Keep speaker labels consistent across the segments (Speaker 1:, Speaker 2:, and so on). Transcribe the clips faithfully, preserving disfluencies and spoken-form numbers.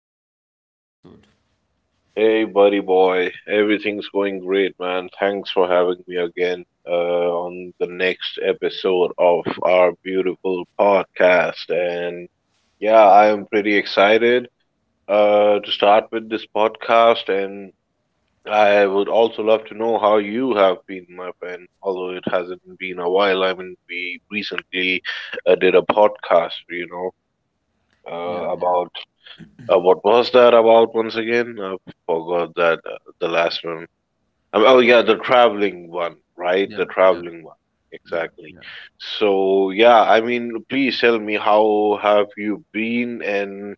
Speaker 1: Welcome back to another episode.
Speaker 2: Hey, buddy boy, everything's going great, man. Thanks for having me again, uh, on the next episode of our beautiful podcast. And yeah, I am pretty excited uh, to start with this podcast. And I would also love to know how you have been, my friend, although it hasn't been a while. I mean, we recently uh, did a podcast, you know,
Speaker 1: Yeah,
Speaker 2: uh,
Speaker 1: yeah,
Speaker 2: about— uh, what was that about once again? I forgot that uh, the last one. Um, oh yeah, the traveling one, right?
Speaker 1: yeah,
Speaker 2: The
Speaker 1: yeah,
Speaker 2: traveling one.
Speaker 1: yeah,
Speaker 2: Exactly.
Speaker 1: yeah.
Speaker 2: So yeah, I mean, please tell me how have you been, and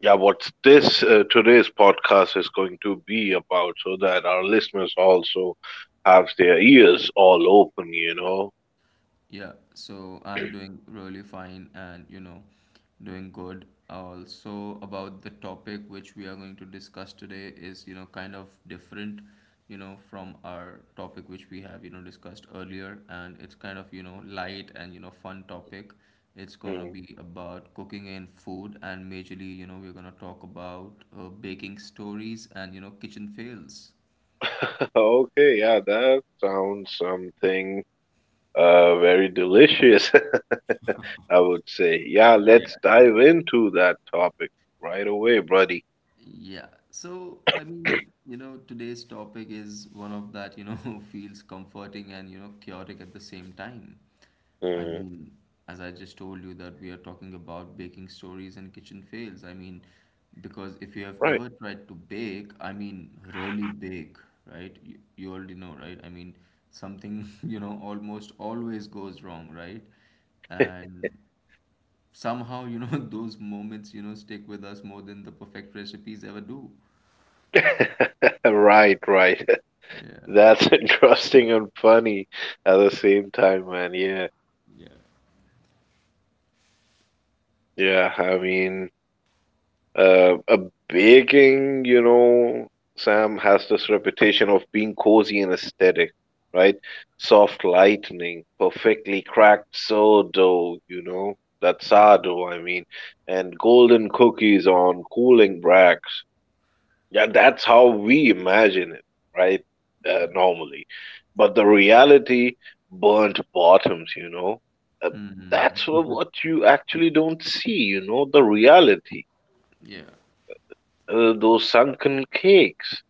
Speaker 2: yeah, what's this, uh, today's podcast is going to be about, so that our listeners also have their ears all open, you know?
Speaker 1: Yeah, so I'm doing really fine and you know, doing good. Also, about the topic which we are going to discuss today is, you know, kind of different, you know, from our topic which we have, you know, discussed earlier. And it's kind of, you know, light and, you know, fun topic. It's going to
Speaker 2: Mhm.
Speaker 1: be about cooking and food. And majorly, you know, we're going to talk about uh, baking stories and, you know, kitchen fails.
Speaker 2: Okay, yeah, that sounds something uh very delicious, I would say. Yeah,
Speaker 1: Yeah,
Speaker 2: let's
Speaker 1: yeah.
Speaker 2: dive into that topic right away, buddy.
Speaker 1: Yeah. So, I mean, you know, today's topic is one of that, you know, feels comforting and, you know, chaotic at the same time. I
Speaker 2: Mm,
Speaker 1: mean, as I just told you that we are talking about baking stories and kitchen fails. I mean, because if you have
Speaker 2: right.
Speaker 1: ever tried to bake, I mean, really bake, right? You, you already know, right? I mean, something, you know, almost always goes wrong, right? And somehow you know those moments you know stick with us more than the perfect recipes ever do.
Speaker 2: Right, right.
Speaker 1: Yeah,
Speaker 2: That's interesting and funny at the same time, man. Yeah. Yeah, I mean, uh, a baking, you know, Sam, has this reputation of being cozy and aesthetic, right? Soft lightning, perfectly cracked sourdough, you know, that
Speaker 1: yeah,
Speaker 2: sourdough, I mean, and golden cookies on cooling racks. Yeah, that's how we imagine it, right? Uh,
Speaker 1: yeah.
Speaker 2: normally. But the reality, burnt bottoms, you know, uh, that's
Speaker 1: Hmm.
Speaker 2: wha- what you actually don't see, you know, the reality.
Speaker 1: Yeah,
Speaker 2: Uh, those sunken cakes,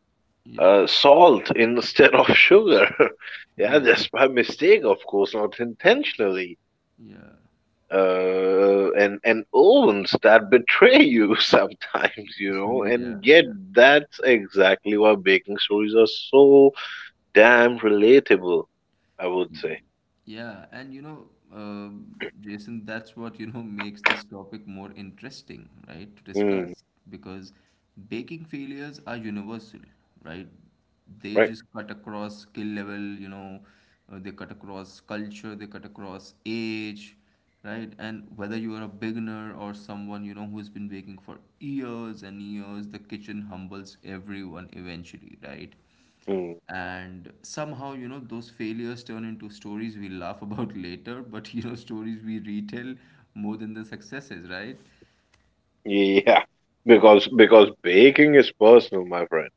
Speaker 1: yeah,
Speaker 2: uh, salt instead of sugar. Yeah,
Speaker 1: yeah,
Speaker 2: just by mistake, of course, not intentionally.
Speaker 1: yeah.
Speaker 2: Uh, and and ovens that betray you sometimes, you know,
Speaker 1: Yeah,
Speaker 2: and yet
Speaker 1: yeah.
Speaker 2: that's exactly why baking stories are so damn relatable, I would say.
Speaker 1: Yeah, and you know, uh, Jason, that's what you know makes this topic more interesting, right, to
Speaker 2: Mm,
Speaker 1: discuss because baking failures are universal, right? They
Speaker 2: right?
Speaker 1: just cut across skill level, you know, uh, they cut across culture, they cut across age, right? And whether you are a beginner or someone, you know, who's been baking for years and years, the kitchen humbles everyone eventually, right?
Speaker 2: Mm,
Speaker 1: And somehow you know those failures turn into stories we laugh about later, but you know stories we retell more than the successes, right.
Speaker 2: yeah. Because because baking is personal, my friend.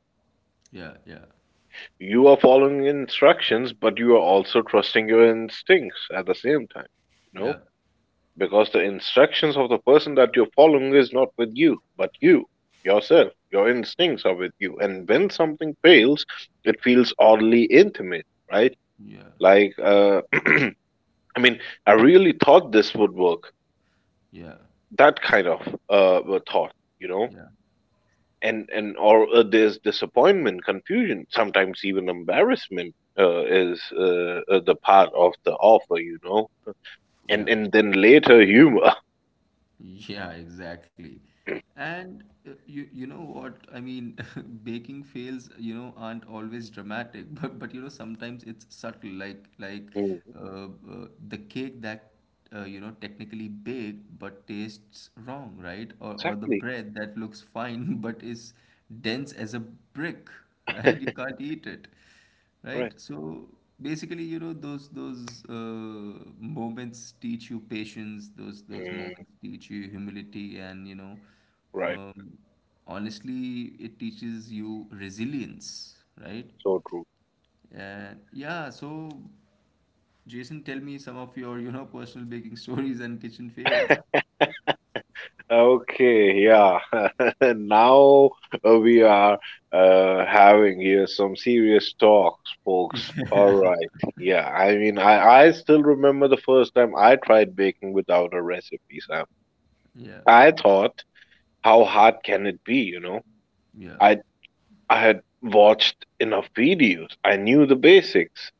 Speaker 1: Yeah, yeah,
Speaker 2: You are following instructions, but you are also trusting your instincts at the same time. You know?
Speaker 1: yeah,
Speaker 2: Because the instructions of the person that you're following is not with you, but you, yourself. Your instincts are with you. And when something fails, it feels oddly intimate, right?
Speaker 1: yeah,
Speaker 2: Like uh I mean, I really thought this would work,
Speaker 1: yeah,
Speaker 2: that kind of uh, uh, thought, you know.
Speaker 1: yeah,
Speaker 2: And and or uh, there's disappointment, confusion, sometimes even embarrassment uh, is uh, uh, the part of the offer, you know. and
Speaker 1: yeah.
Speaker 2: and then later, humor.
Speaker 1: Yeah, exactly. And uh, you you know what? I mean, baking fails, you know, aren't always dramatic, but but you know, sometimes it's subtle, like like
Speaker 2: Mhm.
Speaker 1: uh, uh, the cake that uh, you know technically baked but tastes wrong, right? Or or the
Speaker 2: Exactly.
Speaker 1: bread that looks fine but is dense as a brick, right? You can't eat it,
Speaker 2: Right.
Speaker 1: right? So basically you know those those uh, moments teach you patience, those those
Speaker 2: Mm,
Speaker 1: moments teach you humility and you know
Speaker 2: right.
Speaker 1: um, honestly it teaches you resilience, right.
Speaker 2: So true.
Speaker 1: And yeah, so Jason, tell me some of your you know personal baking stories and kitchen fails.
Speaker 2: Okay, yeah. Now uh, we are uh, having here some serious talks, folks. All right. Yeah, I mean, I, I still remember the first time I tried baking without a recipe, Sam.
Speaker 1: Yeah,
Speaker 2: I thought, how hard can it be, you know?
Speaker 1: yeah,
Speaker 2: I I had watched enough videos. I knew the basics.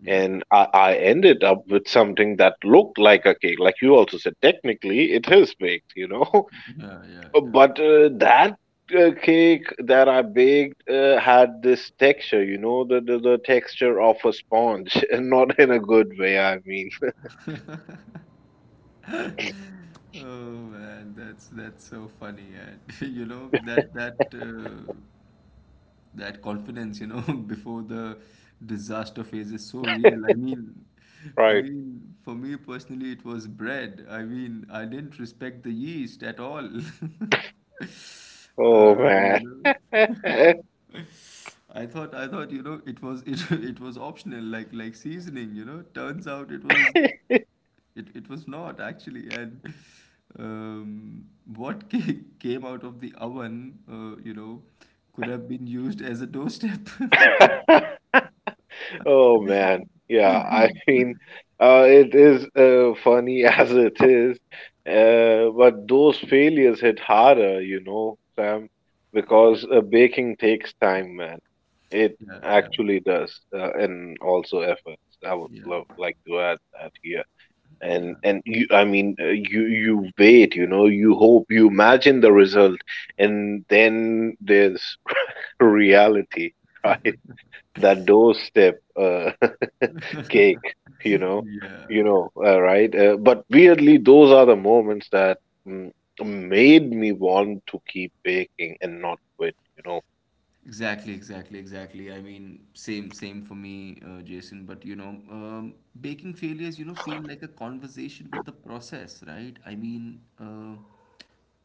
Speaker 1: yeah,
Speaker 2: And I, I ended up with something that looked like a cake. Like you also said, technically it is baked, you know?
Speaker 1: yeah, yeah,
Speaker 2: Uh,
Speaker 1: yeah.
Speaker 2: But uh, that uh, cake that I baked uh, had this texture, you know, the, the the texture of a sponge, and not in a good way. I mean,
Speaker 1: Oh man, that's that's so funny, and you know that that uh, that confidence, you know, before the disaster phase is so real. I mean, I
Speaker 2: right?
Speaker 1: mean, for me personally, it was bread. I mean, I didn't respect the yeast at all.
Speaker 2: Oh
Speaker 1: Uh, you
Speaker 2: man.
Speaker 1: know. I thought I thought you know it was it it was optional, like like seasoning, you know turns out it was it, it was not actually. And um, what ca- came out of the oven, uh, you know, could have been used as a doorstep.
Speaker 2: Oh man, yeah. I mean, uh, it is, uh, funny as it is, uh, but those failures hit harder, you know, Sam,
Speaker 1: Yeah,
Speaker 2: because uh, baking takes time, man. It
Speaker 1: yeah, yeah,
Speaker 2: actually does, uh, and also efforts. I would
Speaker 1: yeah,
Speaker 2: love like to add that here. And and you, I mean, uh, you you wait, you know, you hope, you imagine the result, and then there's reality, right? That doorstep uh, cake, you know,
Speaker 1: yeah,
Speaker 2: you
Speaker 1: yeah.
Speaker 2: know, uh, right? Uh, but weirdly, those are the moments that, mm, made me want to keep baking and not quit, you know.
Speaker 1: Exactly, exactly, exactly. I mean, same, same for me, uh, Jason. But you know, um, baking failures, you know, feel like a conversation with the process, right? I mean, uh,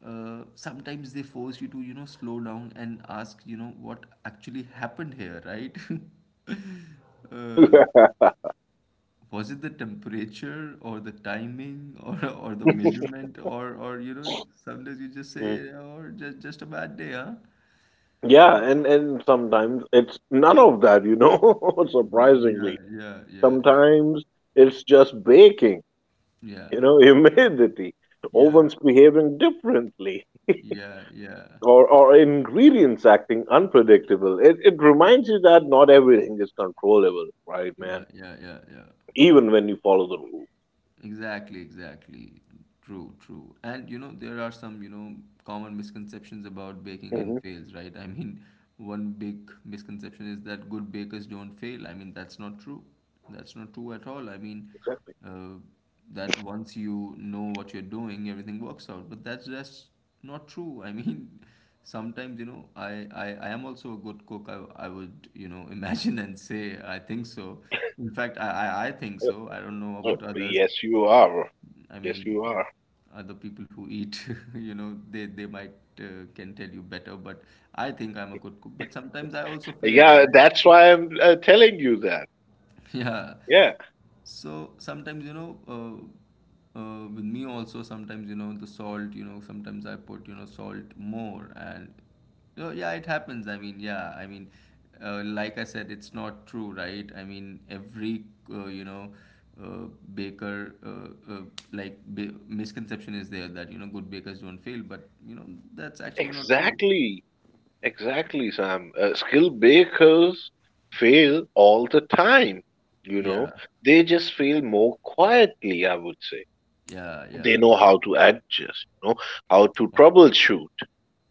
Speaker 1: uh, sometimes they force you to, you know, slow down and ask, you know, what actually happened here, right? Uh, was it the temperature or the timing, or or the measurement, or or you know, sometimes you just say,
Speaker 2: Mm.
Speaker 1: or just just a bad day, huh?
Speaker 2: Yeah, and and sometimes it's none of that, you know.
Speaker 1: Yeah,
Speaker 2: Surprisingly,
Speaker 1: yeah, yeah, yeah.
Speaker 2: sometimes it's just baking, you
Speaker 1: Yeah,
Speaker 2: know, humidity,
Speaker 1: yeah,
Speaker 2: ovens behaving differently,
Speaker 1: yeah, yeah,
Speaker 2: or or ingredients acting unpredictable. It it reminds you that not everything is controllable, right,
Speaker 1: yeah,
Speaker 2: man?
Speaker 1: yeah, yeah, yeah.
Speaker 2: Even when you follow the rules.
Speaker 1: Exactly, exactly. True, true. And you know, there are some, you know, common misconceptions about baking and
Speaker 2: Hmm.
Speaker 1: fails, right? I mean, one big misconception is that good bakers don't fail. I mean, that's not true. That's not true at all. I mean,
Speaker 2: Exactly.
Speaker 1: uh, that once you know what you're doing, everything works out. But that's just not true. I mean, sometimes, you know, I, I, I am also a good cook. I, I would, you know, imagine and say, I think so. In fact, I, I, I think
Speaker 2: Uh,
Speaker 1: so. I don't know
Speaker 2: uh,
Speaker 1: about others.
Speaker 2: Yes, you are.
Speaker 1: I
Speaker 2: Yes,
Speaker 1: mean,
Speaker 2: you are.
Speaker 1: other people who eat, you know, they they might uh, can tell you better, but I think I'm a good cook. But sometimes I also fail,
Speaker 2: Yeah,
Speaker 1: right?
Speaker 2: that's why I'm uh, telling you that.
Speaker 1: Yeah.
Speaker 2: Yeah,
Speaker 1: So sometimes, you know, uh, uh, with me also, sometimes, you know, the salt, you know, sometimes I put, you know, salt more. And uh, yeah, it happens. I mean, yeah, I mean, uh, like I said, it's not true, right? I mean, every, uh, you know, uh, baker, uh, uh, like, ba- misconception is there that, you know, good bakers don't fail. But, you know, that's actually not true.
Speaker 2: exactly. Exactly, Sam. Uh, skilled bakers fail all the time. You know,
Speaker 1: Yeah.
Speaker 2: they just fail more quietly, I would say.
Speaker 1: Yeah.
Speaker 2: They know
Speaker 1: Yeah.
Speaker 2: how to adjust, you know, how
Speaker 1: Yeah.
Speaker 2: to troubleshoot.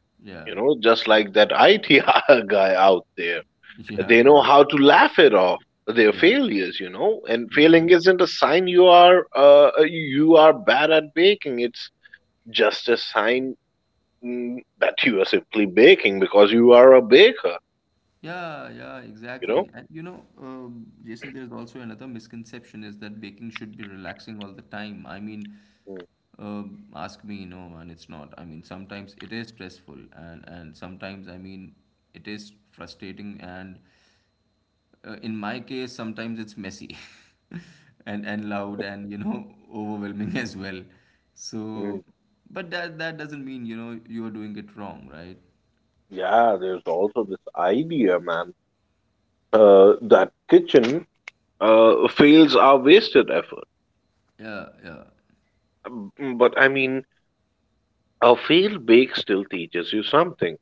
Speaker 1: Yeah.
Speaker 2: You know, just like that I T guy out there.
Speaker 1: Yeah.
Speaker 2: They know
Speaker 1: Yeah.
Speaker 2: how to laugh it off their
Speaker 1: Yeah.
Speaker 2: failures, you know. And
Speaker 1: Yeah.
Speaker 2: failing isn't a sign you are uh, uh, you are bad at baking. It's just a sign, mm, that you are simply baking because you are a baker,
Speaker 1: Yeah, yeah,
Speaker 2: you know.
Speaker 1: exactly. And you know, um, Jason, there's also another misconception is that baking should be relaxing all the time. I mean,
Speaker 2: Mm,
Speaker 1: um, ask me, no, man, it's not. I mean, sometimes it is stressful, and and sometimes, I mean, it is frustrating. And uh, in my case, sometimes it's messy, and and loud, and you know, overwhelming as well.
Speaker 2: mm.
Speaker 1: So, but that that doesn't mean you know you are doing it wrong, right?
Speaker 2: Yeah, there's also this idea, man, uh, that kitchen uh, fails are wasted effort.
Speaker 1: Yeah, yeah,
Speaker 2: Mm. But I mean, a failed bake still teaches you something.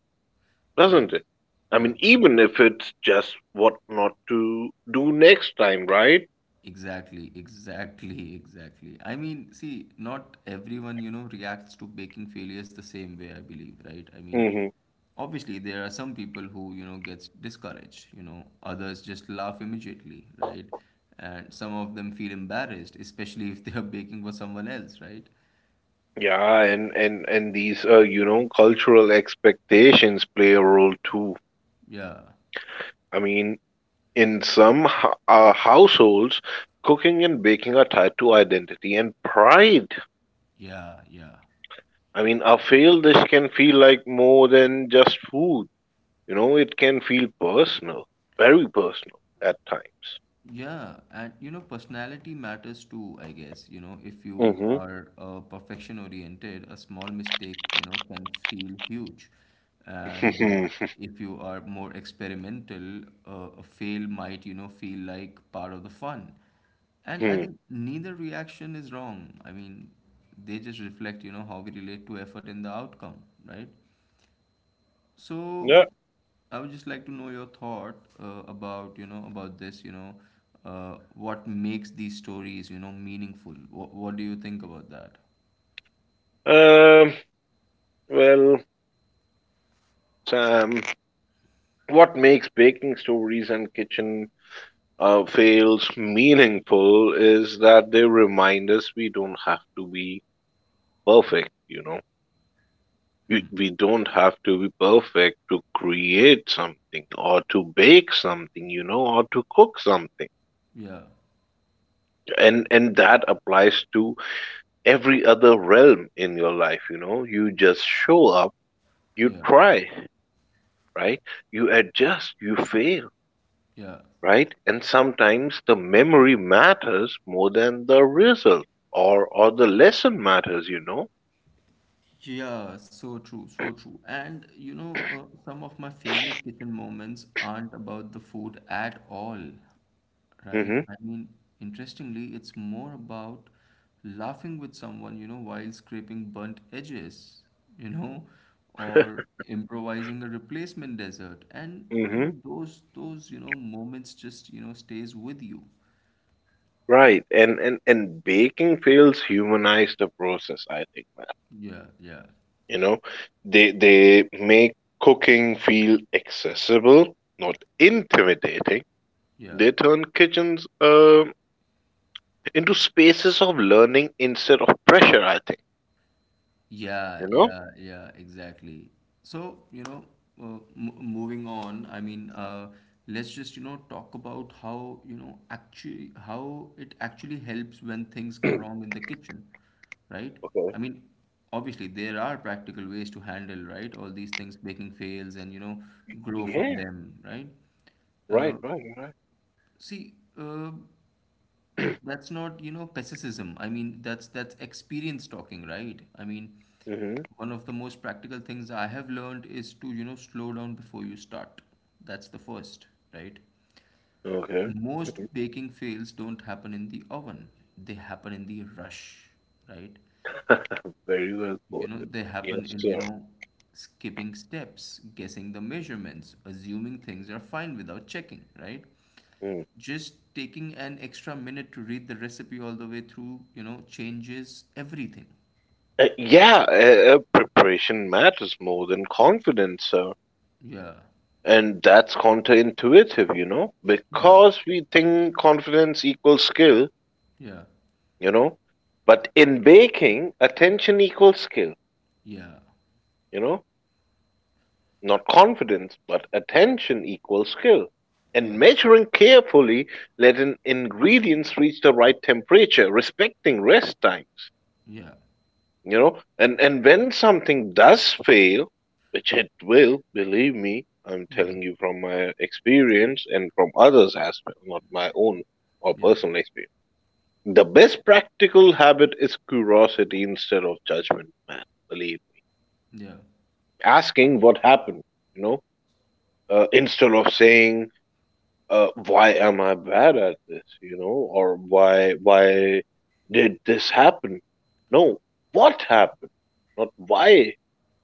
Speaker 1: yes,
Speaker 2: Doesn't it? I
Speaker 1: yeah,
Speaker 2: mean,
Speaker 1: yeah.
Speaker 2: even if it's just what not to do next time, right?
Speaker 1: Exactly, exactly, exactly. I mean, see, not everyone, you know, reacts to baking failures the same way, I believe, right? I mean,
Speaker 2: Hmm.
Speaker 1: obviously there are some people who, you know, gets discouraged, you know, others just laugh immediately, right? And some of them feel embarrassed, especially if they are baking for someone else, right?
Speaker 2: Yeah, and and and these, uh, you know, cultural expectations play a role too.
Speaker 1: Yeah,
Speaker 2: I mean, in some ho- uh, households, cooking and baking are tied to identity and pride.
Speaker 1: yeah, yeah.
Speaker 2: I mean, a failed dish can feel like more than just food. You know, it can feel personal, very personal at times.
Speaker 1: Yeah, and you know, personality matters too, I guess. You know, if you are uh, perfection oriented, a small mistake, you know, can feel huge. And uh,
Speaker 2: Mm-hmm.
Speaker 1: if you are more experimental, uh, a fail might, you know, feel like part of the fun. And I think neither reaction is wrong. I mean, they just reflect, you know, how we relate to effort and the outcome, right? So
Speaker 2: Yeah.
Speaker 1: I would just like to know your thought uh, about you know about this you know uh, what makes these stories you know meaningful. What what do you think about that?
Speaker 2: Um. Well, Sam, what makes baking stories and kitchen uh, fails meaningful is that they remind us we don't have to be perfect, you know. We,
Speaker 1: Hmm.
Speaker 2: we don't have to be perfect to create something or to bake something, you know, or to cook something.
Speaker 1: Yeah.
Speaker 2: And and that applies to every other realm in your life, you know. You just show up, you
Speaker 1: Yeah.
Speaker 2: try, right? You adjust, you fail,
Speaker 1: Yeah.
Speaker 2: right? And sometimes the memory matters more than the result, or or the lesson matters, you know.
Speaker 1: Yeah, so true, so true. And you know, uh, some of my favorite kitchen moments aren't about the food at all, right?
Speaker 2: Hmm.
Speaker 1: I mean, interestingly, it's more about laughing with someone, you know, while scraping burnt edges, you know, or improvising a replacement dessert. And you
Speaker 2: Hmm.
Speaker 1: know, those those, you know, moments just, you know, stays with you.
Speaker 2: Right. And and and baking fails humanize the process, I think, man.
Speaker 1: Yeah, yeah,
Speaker 2: You know, they they make cooking feel accessible, not intimidating.
Speaker 1: yeah.
Speaker 2: They turn kitchens uh, into spaces of learning instead of pressure, I think.
Speaker 1: Yeah,
Speaker 2: You know?
Speaker 1: yeah, yeah, exactly. So, you know, uh, m moving on, I mean, uh, let's just, you know, talk about how, you know, actually, how it actually helps when things go wrong in the kitchen, right?
Speaker 2: Okay.
Speaker 1: I mean, obviously, there are practical ways to handle, right? All these things, baking fails and, you know, grow from
Speaker 2: Yeah,
Speaker 1: them, right?
Speaker 2: right,
Speaker 1: Uh,
Speaker 2: right, right.
Speaker 1: see, uh, that's not, you know, pessimism. I mean, that's that's experience talking, right? I mean,
Speaker 2: Mm-hmm.
Speaker 1: one of the most practical things I have learned is to, you know, slow down before you start. That's the first, right?
Speaker 2: Okay. Mm-hmm.
Speaker 1: Most baking fails don't happen in the oven. They happen in the rush, right?
Speaker 2: Very well
Speaker 1: You know,
Speaker 2: quoted.
Speaker 1: they happen
Speaker 2: Yes,
Speaker 1: in, you
Speaker 2: sir.
Speaker 1: know, skipping steps, guessing the measurements, assuming things are fine without checking, right?
Speaker 2: Mm.
Speaker 1: Just taking an extra minute to read the recipe all the way through, you know, changes everything.
Speaker 2: Uh, yeah, uh, uh, preparation matters more than confidence, sir.
Speaker 1: Yeah,
Speaker 2: And that's counterintuitive, you know,
Speaker 1: yeah,
Speaker 2: because we think confidence equals skill,
Speaker 1: yeah,
Speaker 2: you know. But in baking, attention equals skill,
Speaker 1: yeah,
Speaker 2: you know. Not confidence, but attention equals skill. And measuring carefully, letting ingredients reach the right temperature, respecting rest times,
Speaker 1: yeah,
Speaker 2: you know. And and when something does fail, which it will, believe me, I'm
Speaker 1: yeah,
Speaker 2: telling you from my experience and from others as well, not my own or
Speaker 1: yeah,
Speaker 2: personal experience, the best practical habit is curiosity instead of judgment, man, believe me.
Speaker 1: yeah,
Speaker 2: Asking what happened, you know, uh, instead of saying, uh, why am I bad at this, you know, or why why did this happen? No, what happened, not why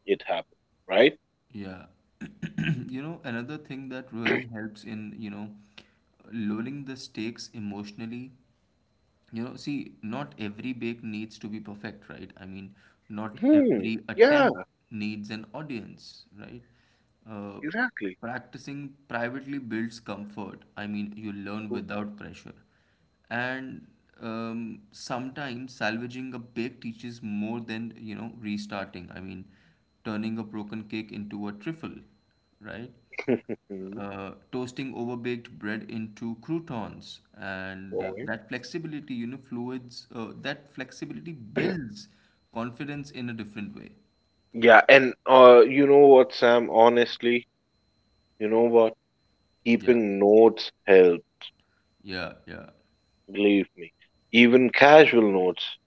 Speaker 2: it happened, right?
Speaker 1: yeah. You know, another thing that really helps in, you know, lowering the stakes emotionally. You know, see, not every bake needs to be perfect, right? I mean, not
Speaker 2: Hmm.
Speaker 1: every
Speaker 2: Yeah,
Speaker 1: attempt needs an audience, right? Uh,
Speaker 2: exactly.
Speaker 1: practicing privately builds comfort. I mean, you learn without pressure. And um, sometimes salvaging a bake teaches more than, you know, restarting. I mean, turning a broken cake into a trifle, right? Uh, toasting overbaked bread into croutons, and uh,
Speaker 2: Right.
Speaker 1: that flexibility, you know fluids, uh, that flexibility builds confidence in a different way.
Speaker 2: Yeah, and uh, you know what, Sam? Honestly, you know what?
Speaker 1: Yeah,
Speaker 2: Keeping notes help.
Speaker 1: yeah, yeah,
Speaker 2: Believe me, even casual notes.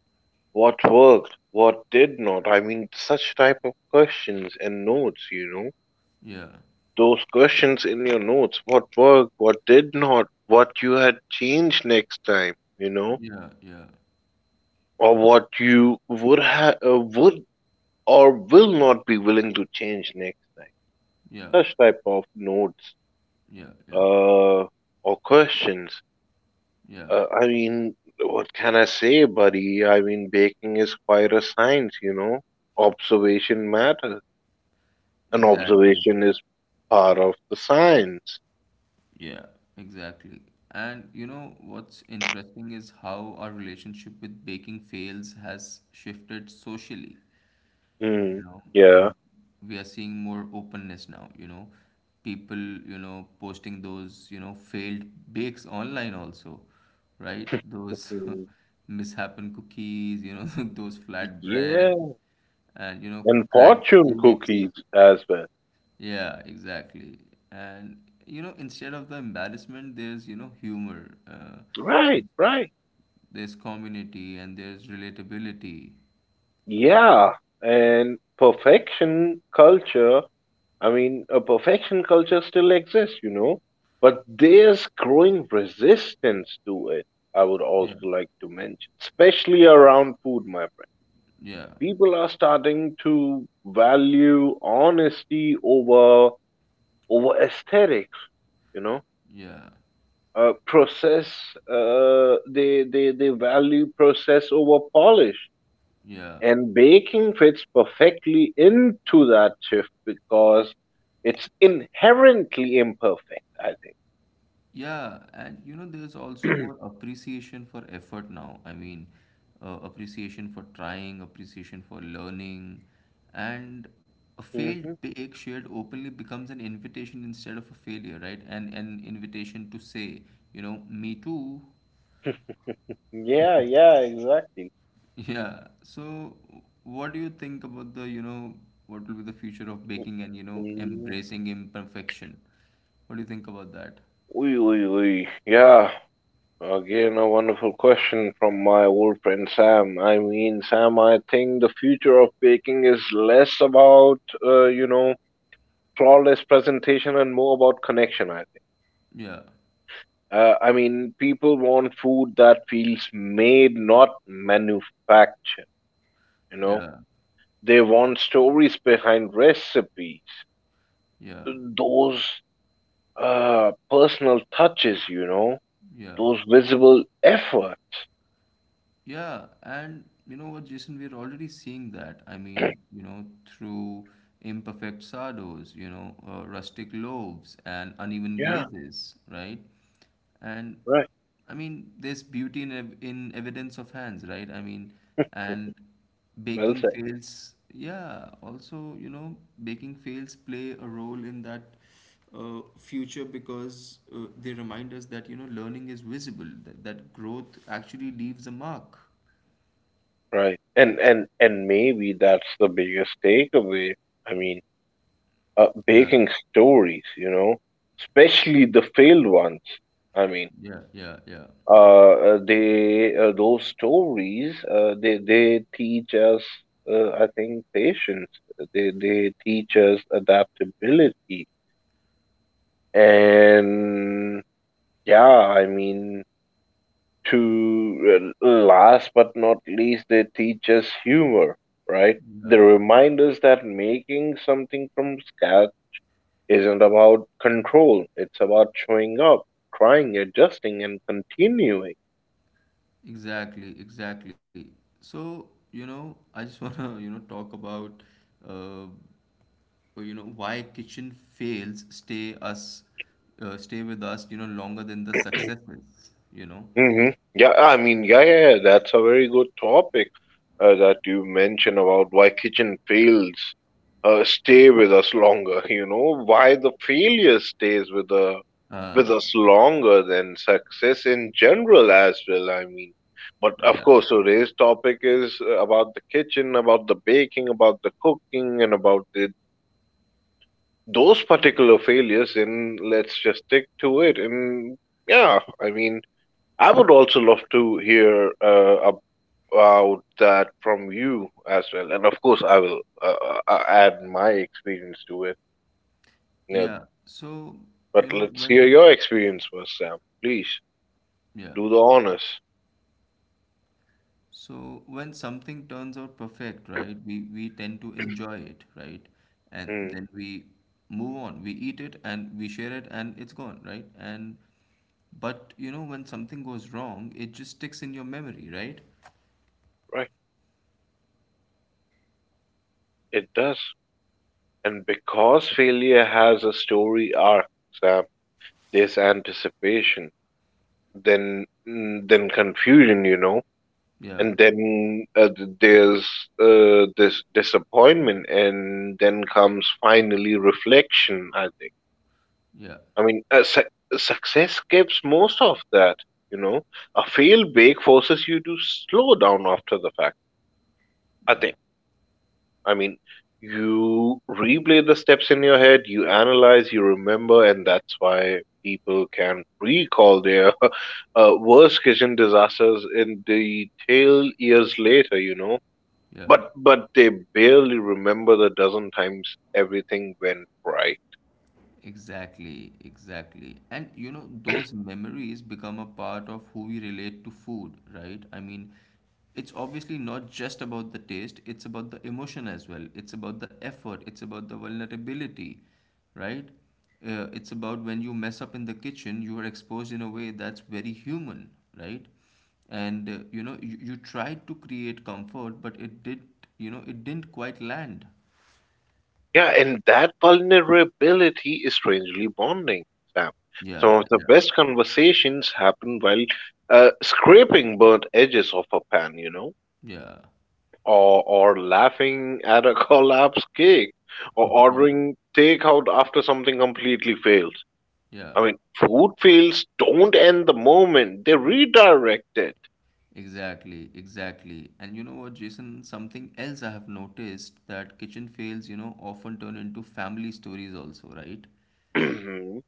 Speaker 2: What worked? What did not? I mean, such type of questions and notes. You know.
Speaker 1: yeah,
Speaker 2: Those questions in your notes: what worked, what did not, what you had changed next time, you know,
Speaker 1: yeah, yeah,
Speaker 2: or what you would ha- uh, would or will not be willing to change next time,
Speaker 1: yeah,
Speaker 2: such type of notes
Speaker 1: yeah, yeah,
Speaker 2: uh or questions.
Speaker 1: yeah,
Speaker 2: uh, I mean, what can I say, buddy? I mean, baking is quite a science, you know. Observation matters, and
Speaker 1: exactly,
Speaker 2: observation is part of the science.
Speaker 1: yeah, exactly. And you know what's interesting is how our relationship with baking fails has shifted socially,
Speaker 2: Hmm.
Speaker 1: you know uh,
Speaker 2: Yeah.
Speaker 1: we are seeing more openness now, you know people you know posting those you know failed bakes online also, right. Those
Speaker 2: Mm.
Speaker 1: mishappen cookies, you know those flat bread
Speaker 2: Yeah.
Speaker 1: and you know
Speaker 2: And
Speaker 1: cracked
Speaker 2: fortune
Speaker 1: cakes.
Speaker 2: cookies as well.
Speaker 1: Yeah, exactly. And you know instead of the embarrassment there's you know humor, uh,
Speaker 2: Right,
Speaker 1: there's
Speaker 2: right.
Speaker 1: there's community and there's relatability.
Speaker 2: Yeah. And perfection culture, I mean, a perfection culture still exists, you know, but there's growing resistance to it, I would also
Speaker 1: Yeah,
Speaker 2: like to mention, especially around food, my friend.
Speaker 1: yeah,
Speaker 2: People are starting to value honesty over— over aesthetics, you know.
Speaker 1: yeah,
Speaker 2: Uh, process— uh, they, they they value process over polish,
Speaker 1: yeah.
Speaker 2: and baking fits perfectly into that shift because it's inherently imperfect, I think.
Speaker 1: Yeah, and you know, there's also more appreciation for effort now. I mean, uh, appreciation for trying, appreciation for learning, and a failed
Speaker 2: Hmm.
Speaker 1: take shared openly becomes an invitation instead of a failure, right? And an invitation to say, you know, me too.
Speaker 2: Yeah, yeah, exactly.
Speaker 1: Yeah. So, what do you think about the, you know, what will be the future of baking and, you know,
Speaker 2: Mm.
Speaker 1: embracing imperfection? What do you think about that?
Speaker 2: Oi, oi, oi. Yeah, again, a wonderful question from my old friend Sam. I mean, Sam, I think the future of baking is less about, uh, you know, flawless presentation and more about connection, I think.
Speaker 1: Yeah,
Speaker 2: Uh, I mean, people want food that feels made, not manufactured, you know.
Speaker 1: yeah,
Speaker 2: They want stories behind recipes,
Speaker 1: yeah,
Speaker 2: those uh, personal touches, you know,
Speaker 1: yeah.
Speaker 2: those visible effort.
Speaker 1: Yeah, and you know what, Jason, we're already seeing that. I mean, you know, through imperfect sardos, you know, uh, rustic loaves and uneven
Speaker 2: Yeah,
Speaker 1: glazes, right? And
Speaker 2: right.
Speaker 1: I mean, there's beauty in ev in evidence of hands, right? I mean, and
Speaker 2: Well,
Speaker 1: baking fails, yeah, also, you know, baking fails play a role in that uh, future because uh, they remind us that you know learning is visible, that, that growth actually leaves a mark.
Speaker 2: right. And and and maybe that's the biggest takeaway. I mean, uh,
Speaker 1: Yeah,
Speaker 2: baking stories, you know, especially the failed ones. I mean,
Speaker 1: yeah, yeah, yeah,
Speaker 2: uh, uh, they, uh, those stories, uh, they they teach us, uh, I think, patience. They they teach us adaptability. And yeah, I mean, to— uh, last but not least, they teach us humor, right?
Speaker 1: yeah,
Speaker 2: They remind us that making something from scratch isn't about control, it's about showing up, trying, adjusting, and continuing.
Speaker 1: exactly, exactly. So you know i just want to you know talk about uh, you know why kitchen fails stay us uh, stay with us, you know longer than the successes, you know
Speaker 2: Hmm. Yeah, I mean, yeah, yeah, yeah, that's a very good topic uh, that you mentioned, about why kitchen fails uh, stay with us longer. You know, why the failure stays with the— with
Speaker 1: uh
Speaker 2: us longer than success in general as well. I mean, but of
Speaker 1: yeah,
Speaker 2: course, today's topic is uh, about the kitchen, about the baking, about the cooking, and about the, those particular failures. And let's just stick to it. And yeah, I mean. I would also love to hear uh, about that from you as well, and of course, I will uh, uh, uh, add my experience to it. Yeah,
Speaker 1: yeah. So you
Speaker 2: but
Speaker 1: know
Speaker 2: let's hear
Speaker 1: when
Speaker 2: your experience first, Sam. Please
Speaker 1: yeah,
Speaker 2: do the honors.
Speaker 1: so when something turns out perfect, right, we, we tend to enjoy it, right? And
Speaker 2: Hmm,
Speaker 1: then we move on. We eat it and we share it and it's gone, right? And but you know, when something goes wrong, it just sticks in your memory, right?
Speaker 2: right, it does, and because failure has a story arc, Sam, there's anticipation, then mm, then confusion, you know,
Speaker 1: Yeah,
Speaker 2: and then uh, th- there's uh, this disappointment, and then comes finally reflection. I think.
Speaker 1: yeah,
Speaker 2: I mean, uh, suc success gives most of that. You know, a fail bake forces you to slow down after the fact. I
Speaker 1: yeah,
Speaker 2: think. I mean, you replay the steps in your head, you analyze, you remember, and that's why people can recall their uh, worst kitchen disasters in detail years later. You know,
Speaker 1: yeah.
Speaker 2: But but they barely remember the dozen times everything went right.
Speaker 1: Exactly, exactly. And you know, those memories become a part of who we relate to food, right? I mean, it's obviously not just about the taste, it's about the emotion as well. It's about the effort, it's about the vulnerability, right? Uh, it's about when you mess up in the kitchen, you are exposed in a way that's very human, right? And uh, you know, you, you tried to create comfort, but it did, you know, it didn't quite land.
Speaker 2: Yeah, and that vulnerability is strangely bonding, Sam. Some
Speaker 1: Yeah,
Speaker 2: of the
Speaker 1: yeah,
Speaker 2: best conversations happen while uh, scraping burnt edges off a pan, you know?
Speaker 1: yeah,
Speaker 2: or or laughing at a collapsed cake or
Speaker 1: yeah,
Speaker 2: ordering takeout after something completely fails.
Speaker 1: yeah.
Speaker 2: I mean, food fails don't end the moment; they redirect it.
Speaker 1: Exactly, exactly. And you know what, Jason, something else I have noticed that kitchen fails, you know, often turn into family stories also, right?
Speaker 2: Mhm.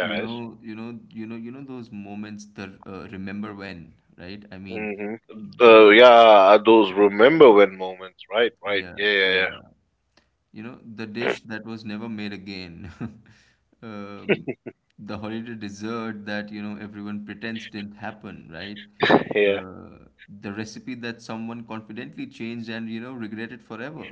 Speaker 1: You know, you know, you know, you know those moments, the uh, remember when, right? I mean,
Speaker 2: Hmm. Uh,
Speaker 1: the
Speaker 2: yeah, those remember when moments, right? Right.
Speaker 1: yeah,
Speaker 2: Yeah, yeah,
Speaker 1: yeah. You know, the
Speaker 2: yeah.
Speaker 1: dish that was never made again. Um, the holiday dessert that, you know, everyone pretends didn't happen, right?
Speaker 2: Yeah.
Speaker 1: Uh, the recipe that someone confidently changed and, you know, regretted forever.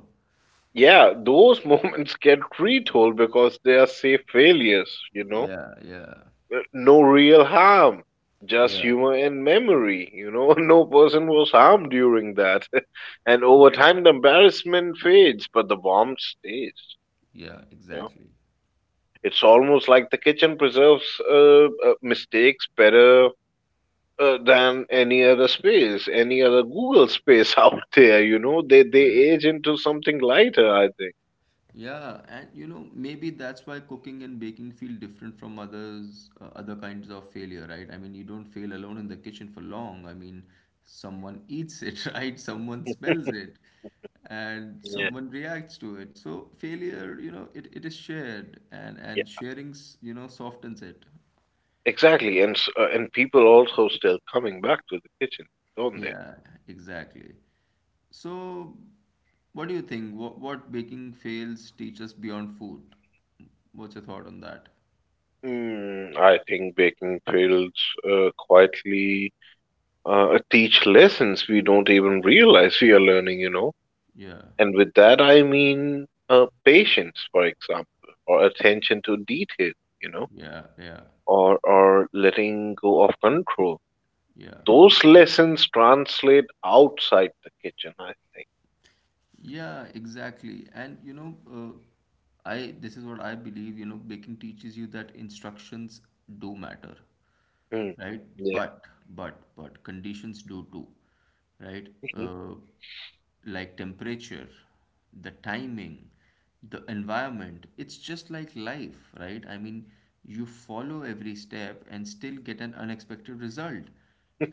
Speaker 2: Yeah, those moments get retold because they are safe failures, you know?
Speaker 1: Yeah, yeah,
Speaker 2: Uh, No real harm, just
Speaker 1: yeah,
Speaker 2: humor and memory. You know, no person was harmed during that. And over time, the embarrassment fades, but the warmth stays.
Speaker 1: yeah,
Speaker 2: You know,
Speaker 1: exactly.
Speaker 2: it's almost like the kitchen preserves uh, uh, mistakes better uh, than any other space, any other Google space out there. You know, they they age into something lighter. I think.
Speaker 1: Yeah, and you know, maybe that's why cooking and baking feel different from others, uh, other kinds of failure, right? I mean, you don't fail alone in the kitchen for long. I mean, someone eats it, right? Someone smells it, and
Speaker 2: Yeah.
Speaker 1: someone reacts to it. So failure, you know, it, it is shared, and
Speaker 2: Yeah.
Speaker 1: and sharing, s- you know, softens it.
Speaker 2: Exactly, and s- uh, and people also still coming back to the kitchen, don't they?
Speaker 1: Yeah, exactly. So, what do you think? What what baking fails teach us beyond food? What's your thought on that?
Speaker 2: Mm, I think baking fields uh, quietly uh, teach lessons we don't even realize we are learning, you know.
Speaker 1: Yeah.
Speaker 2: And with that, I mean uh, patience, for example, or attention to detail, you know,
Speaker 1: Yeah, yeah,
Speaker 2: or or letting go of control.
Speaker 1: yeah,
Speaker 2: Those lessons translate outside the kitchen, I think.
Speaker 1: yeah, exactly. And you know, uh, I this is what I believe. You know, baking teaches you that instructions do matter,
Speaker 2: Mm,
Speaker 1: right? But but but conditions do too, right?
Speaker 2: yeah.
Speaker 1: Uh, like temperature, the timing, the environment. It's just like life, right? I mean, you follow every step and still get an unexpected result.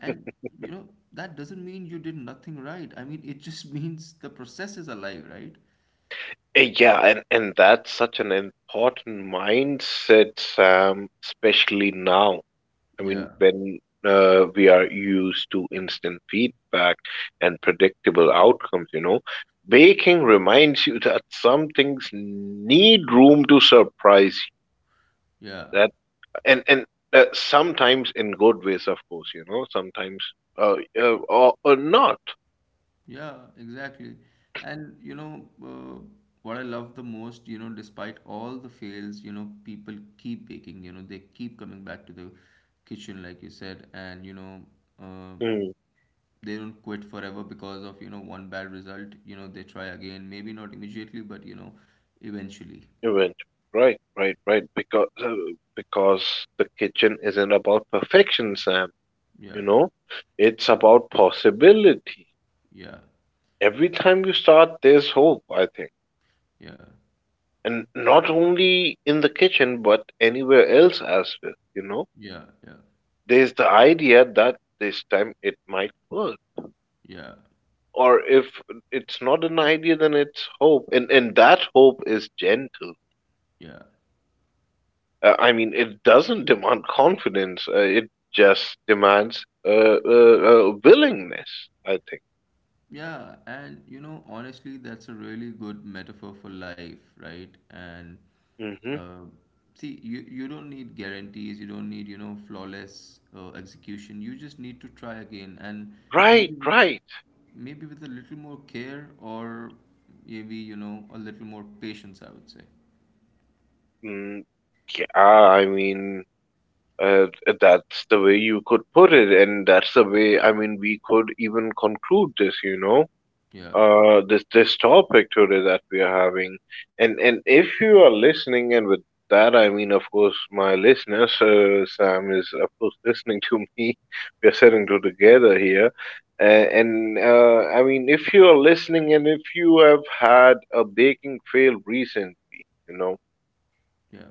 Speaker 1: And you know, that doesn't mean you did nothing right. I mean, it just means the process is alive, right?
Speaker 2: Eh, Yeah, and, and that's such an important mindset, Sam, especially now. I mean,
Speaker 1: Yeah,
Speaker 2: when uh, we are used to instant feedback and predictable outcomes, you know, baking reminds you that some things need room to surprise
Speaker 1: yeah.
Speaker 2: you. That and and uh, sometimes in good ways, of course, you know, sometimes uh, uh, or, or not.
Speaker 1: Yeah, exactly. And you know, uh, what I love the most, you know, despite all the fails, you know, people keep baking, you know, they keep coming back to the kitchen, like you said, and you know, uh,
Speaker 2: Mm,
Speaker 1: they don't quit forever because of, you know, one bad result. You know, they try again, maybe not immediately, but you know, eventually.
Speaker 2: event. Right, right, right. Because uh, because the kitchen isn't about perfection, Sam. You
Speaker 1: Yeah,
Speaker 2: know, it's about possibility.
Speaker 1: yeah,
Speaker 2: Every time you start, there's hope, I think.
Speaker 1: yeah,
Speaker 2: And not only in the kitchen, but anywhere else as well, you know?
Speaker 1: yeah, yeah,
Speaker 2: There's the idea that this time it might work.
Speaker 1: yeah,
Speaker 2: Or if it's not an idea, then it's hope. And, and that hope is gentle.
Speaker 1: yeah.
Speaker 2: Uh, I mean, it doesn't demand confidence, uh, it just demands uh, uh, uh, willingness, I think.
Speaker 1: Yeah, and you know, honestly, that's a really good metaphor for life, right? And
Speaker 2: Hmm.
Speaker 1: uh, see, you you don't need guarantees, you don't need, you know, flawless uh, execution. You just need to try again, and maybe
Speaker 2: Right,
Speaker 1: with
Speaker 2: right.
Speaker 1: maybe with a little more care, or maybe, you know, a little more patience, I would say.
Speaker 2: Mm, yeah, I mean, Uh, that's the way you could put it, and that's the way, I mean, we could even conclude this, you know,
Speaker 1: Yeah,
Speaker 2: uh, this this topic today that we are having. And and if you are listening, and with that I mean, of course, my listeners, uh, Sam is of course listening to me. We are sitting to together here, uh, and uh, I mean, if you are listening, and if you have had a baking fail recently, you know.
Speaker 1: yeah,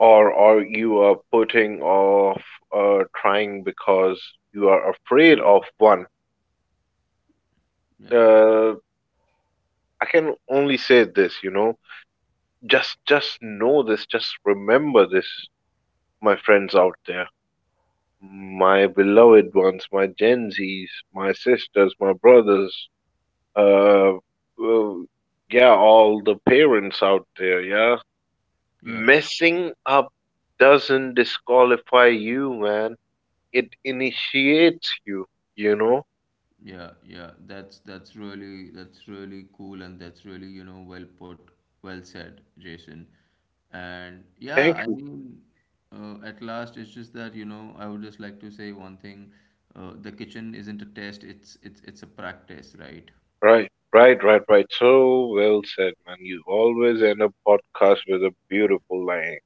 Speaker 2: Or or you are putting off uh, trying because you are afraid of one.
Speaker 1: yeah,
Speaker 2: Uh, I can only say this, you know, just just know this, just remember this, my friends out there, my beloved ones, my Gen Zs, my sisters, my brothers, uh, uh, yeah, all the parents out there, yeah,
Speaker 1: yeah.
Speaker 2: messing up doesn't disqualify you, man, it initiates you, you know.
Speaker 1: Yeah, yeah, that's that's really that's really cool and that's really, you know, well put, well said, Jason. And yeah,
Speaker 2: Thank
Speaker 1: I
Speaker 2: you.
Speaker 1: mean, uh, at last it's just that, you know, I would just like to say one thing. Uh, the kitchen isn't a test, it's it's it's a practice, right?
Speaker 2: Right, right, right, right. So well said, man. You always end a podcast with a beautiful line.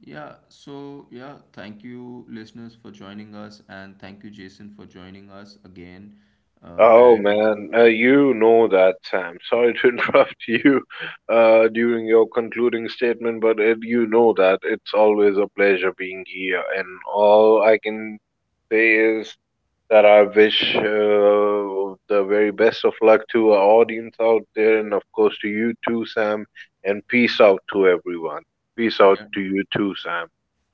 Speaker 1: Yeah, so yeah, thank you listeners for joining us and thank you Jason for joining us again. Uh,
Speaker 2: Oh
Speaker 1: and
Speaker 2: man, uh, you know that, Sam. Sorry to interrupt you uh, during your concluding statement, but it, you know that it's always a pleasure being here, and all I can say is that I wish uh, the very best of luck to our audience out there, and of course to you too, Sam. And peace out to everyone. Peace out
Speaker 1: yeah,
Speaker 2: to you too, Sam.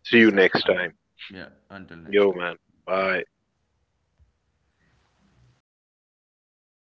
Speaker 2: See you
Speaker 1: peace out,
Speaker 2: next
Speaker 1: man.
Speaker 2: time.
Speaker 1: Yeah, until
Speaker 2: Yo,
Speaker 1: next time.
Speaker 2: man. Bye.
Speaker 1: Bye.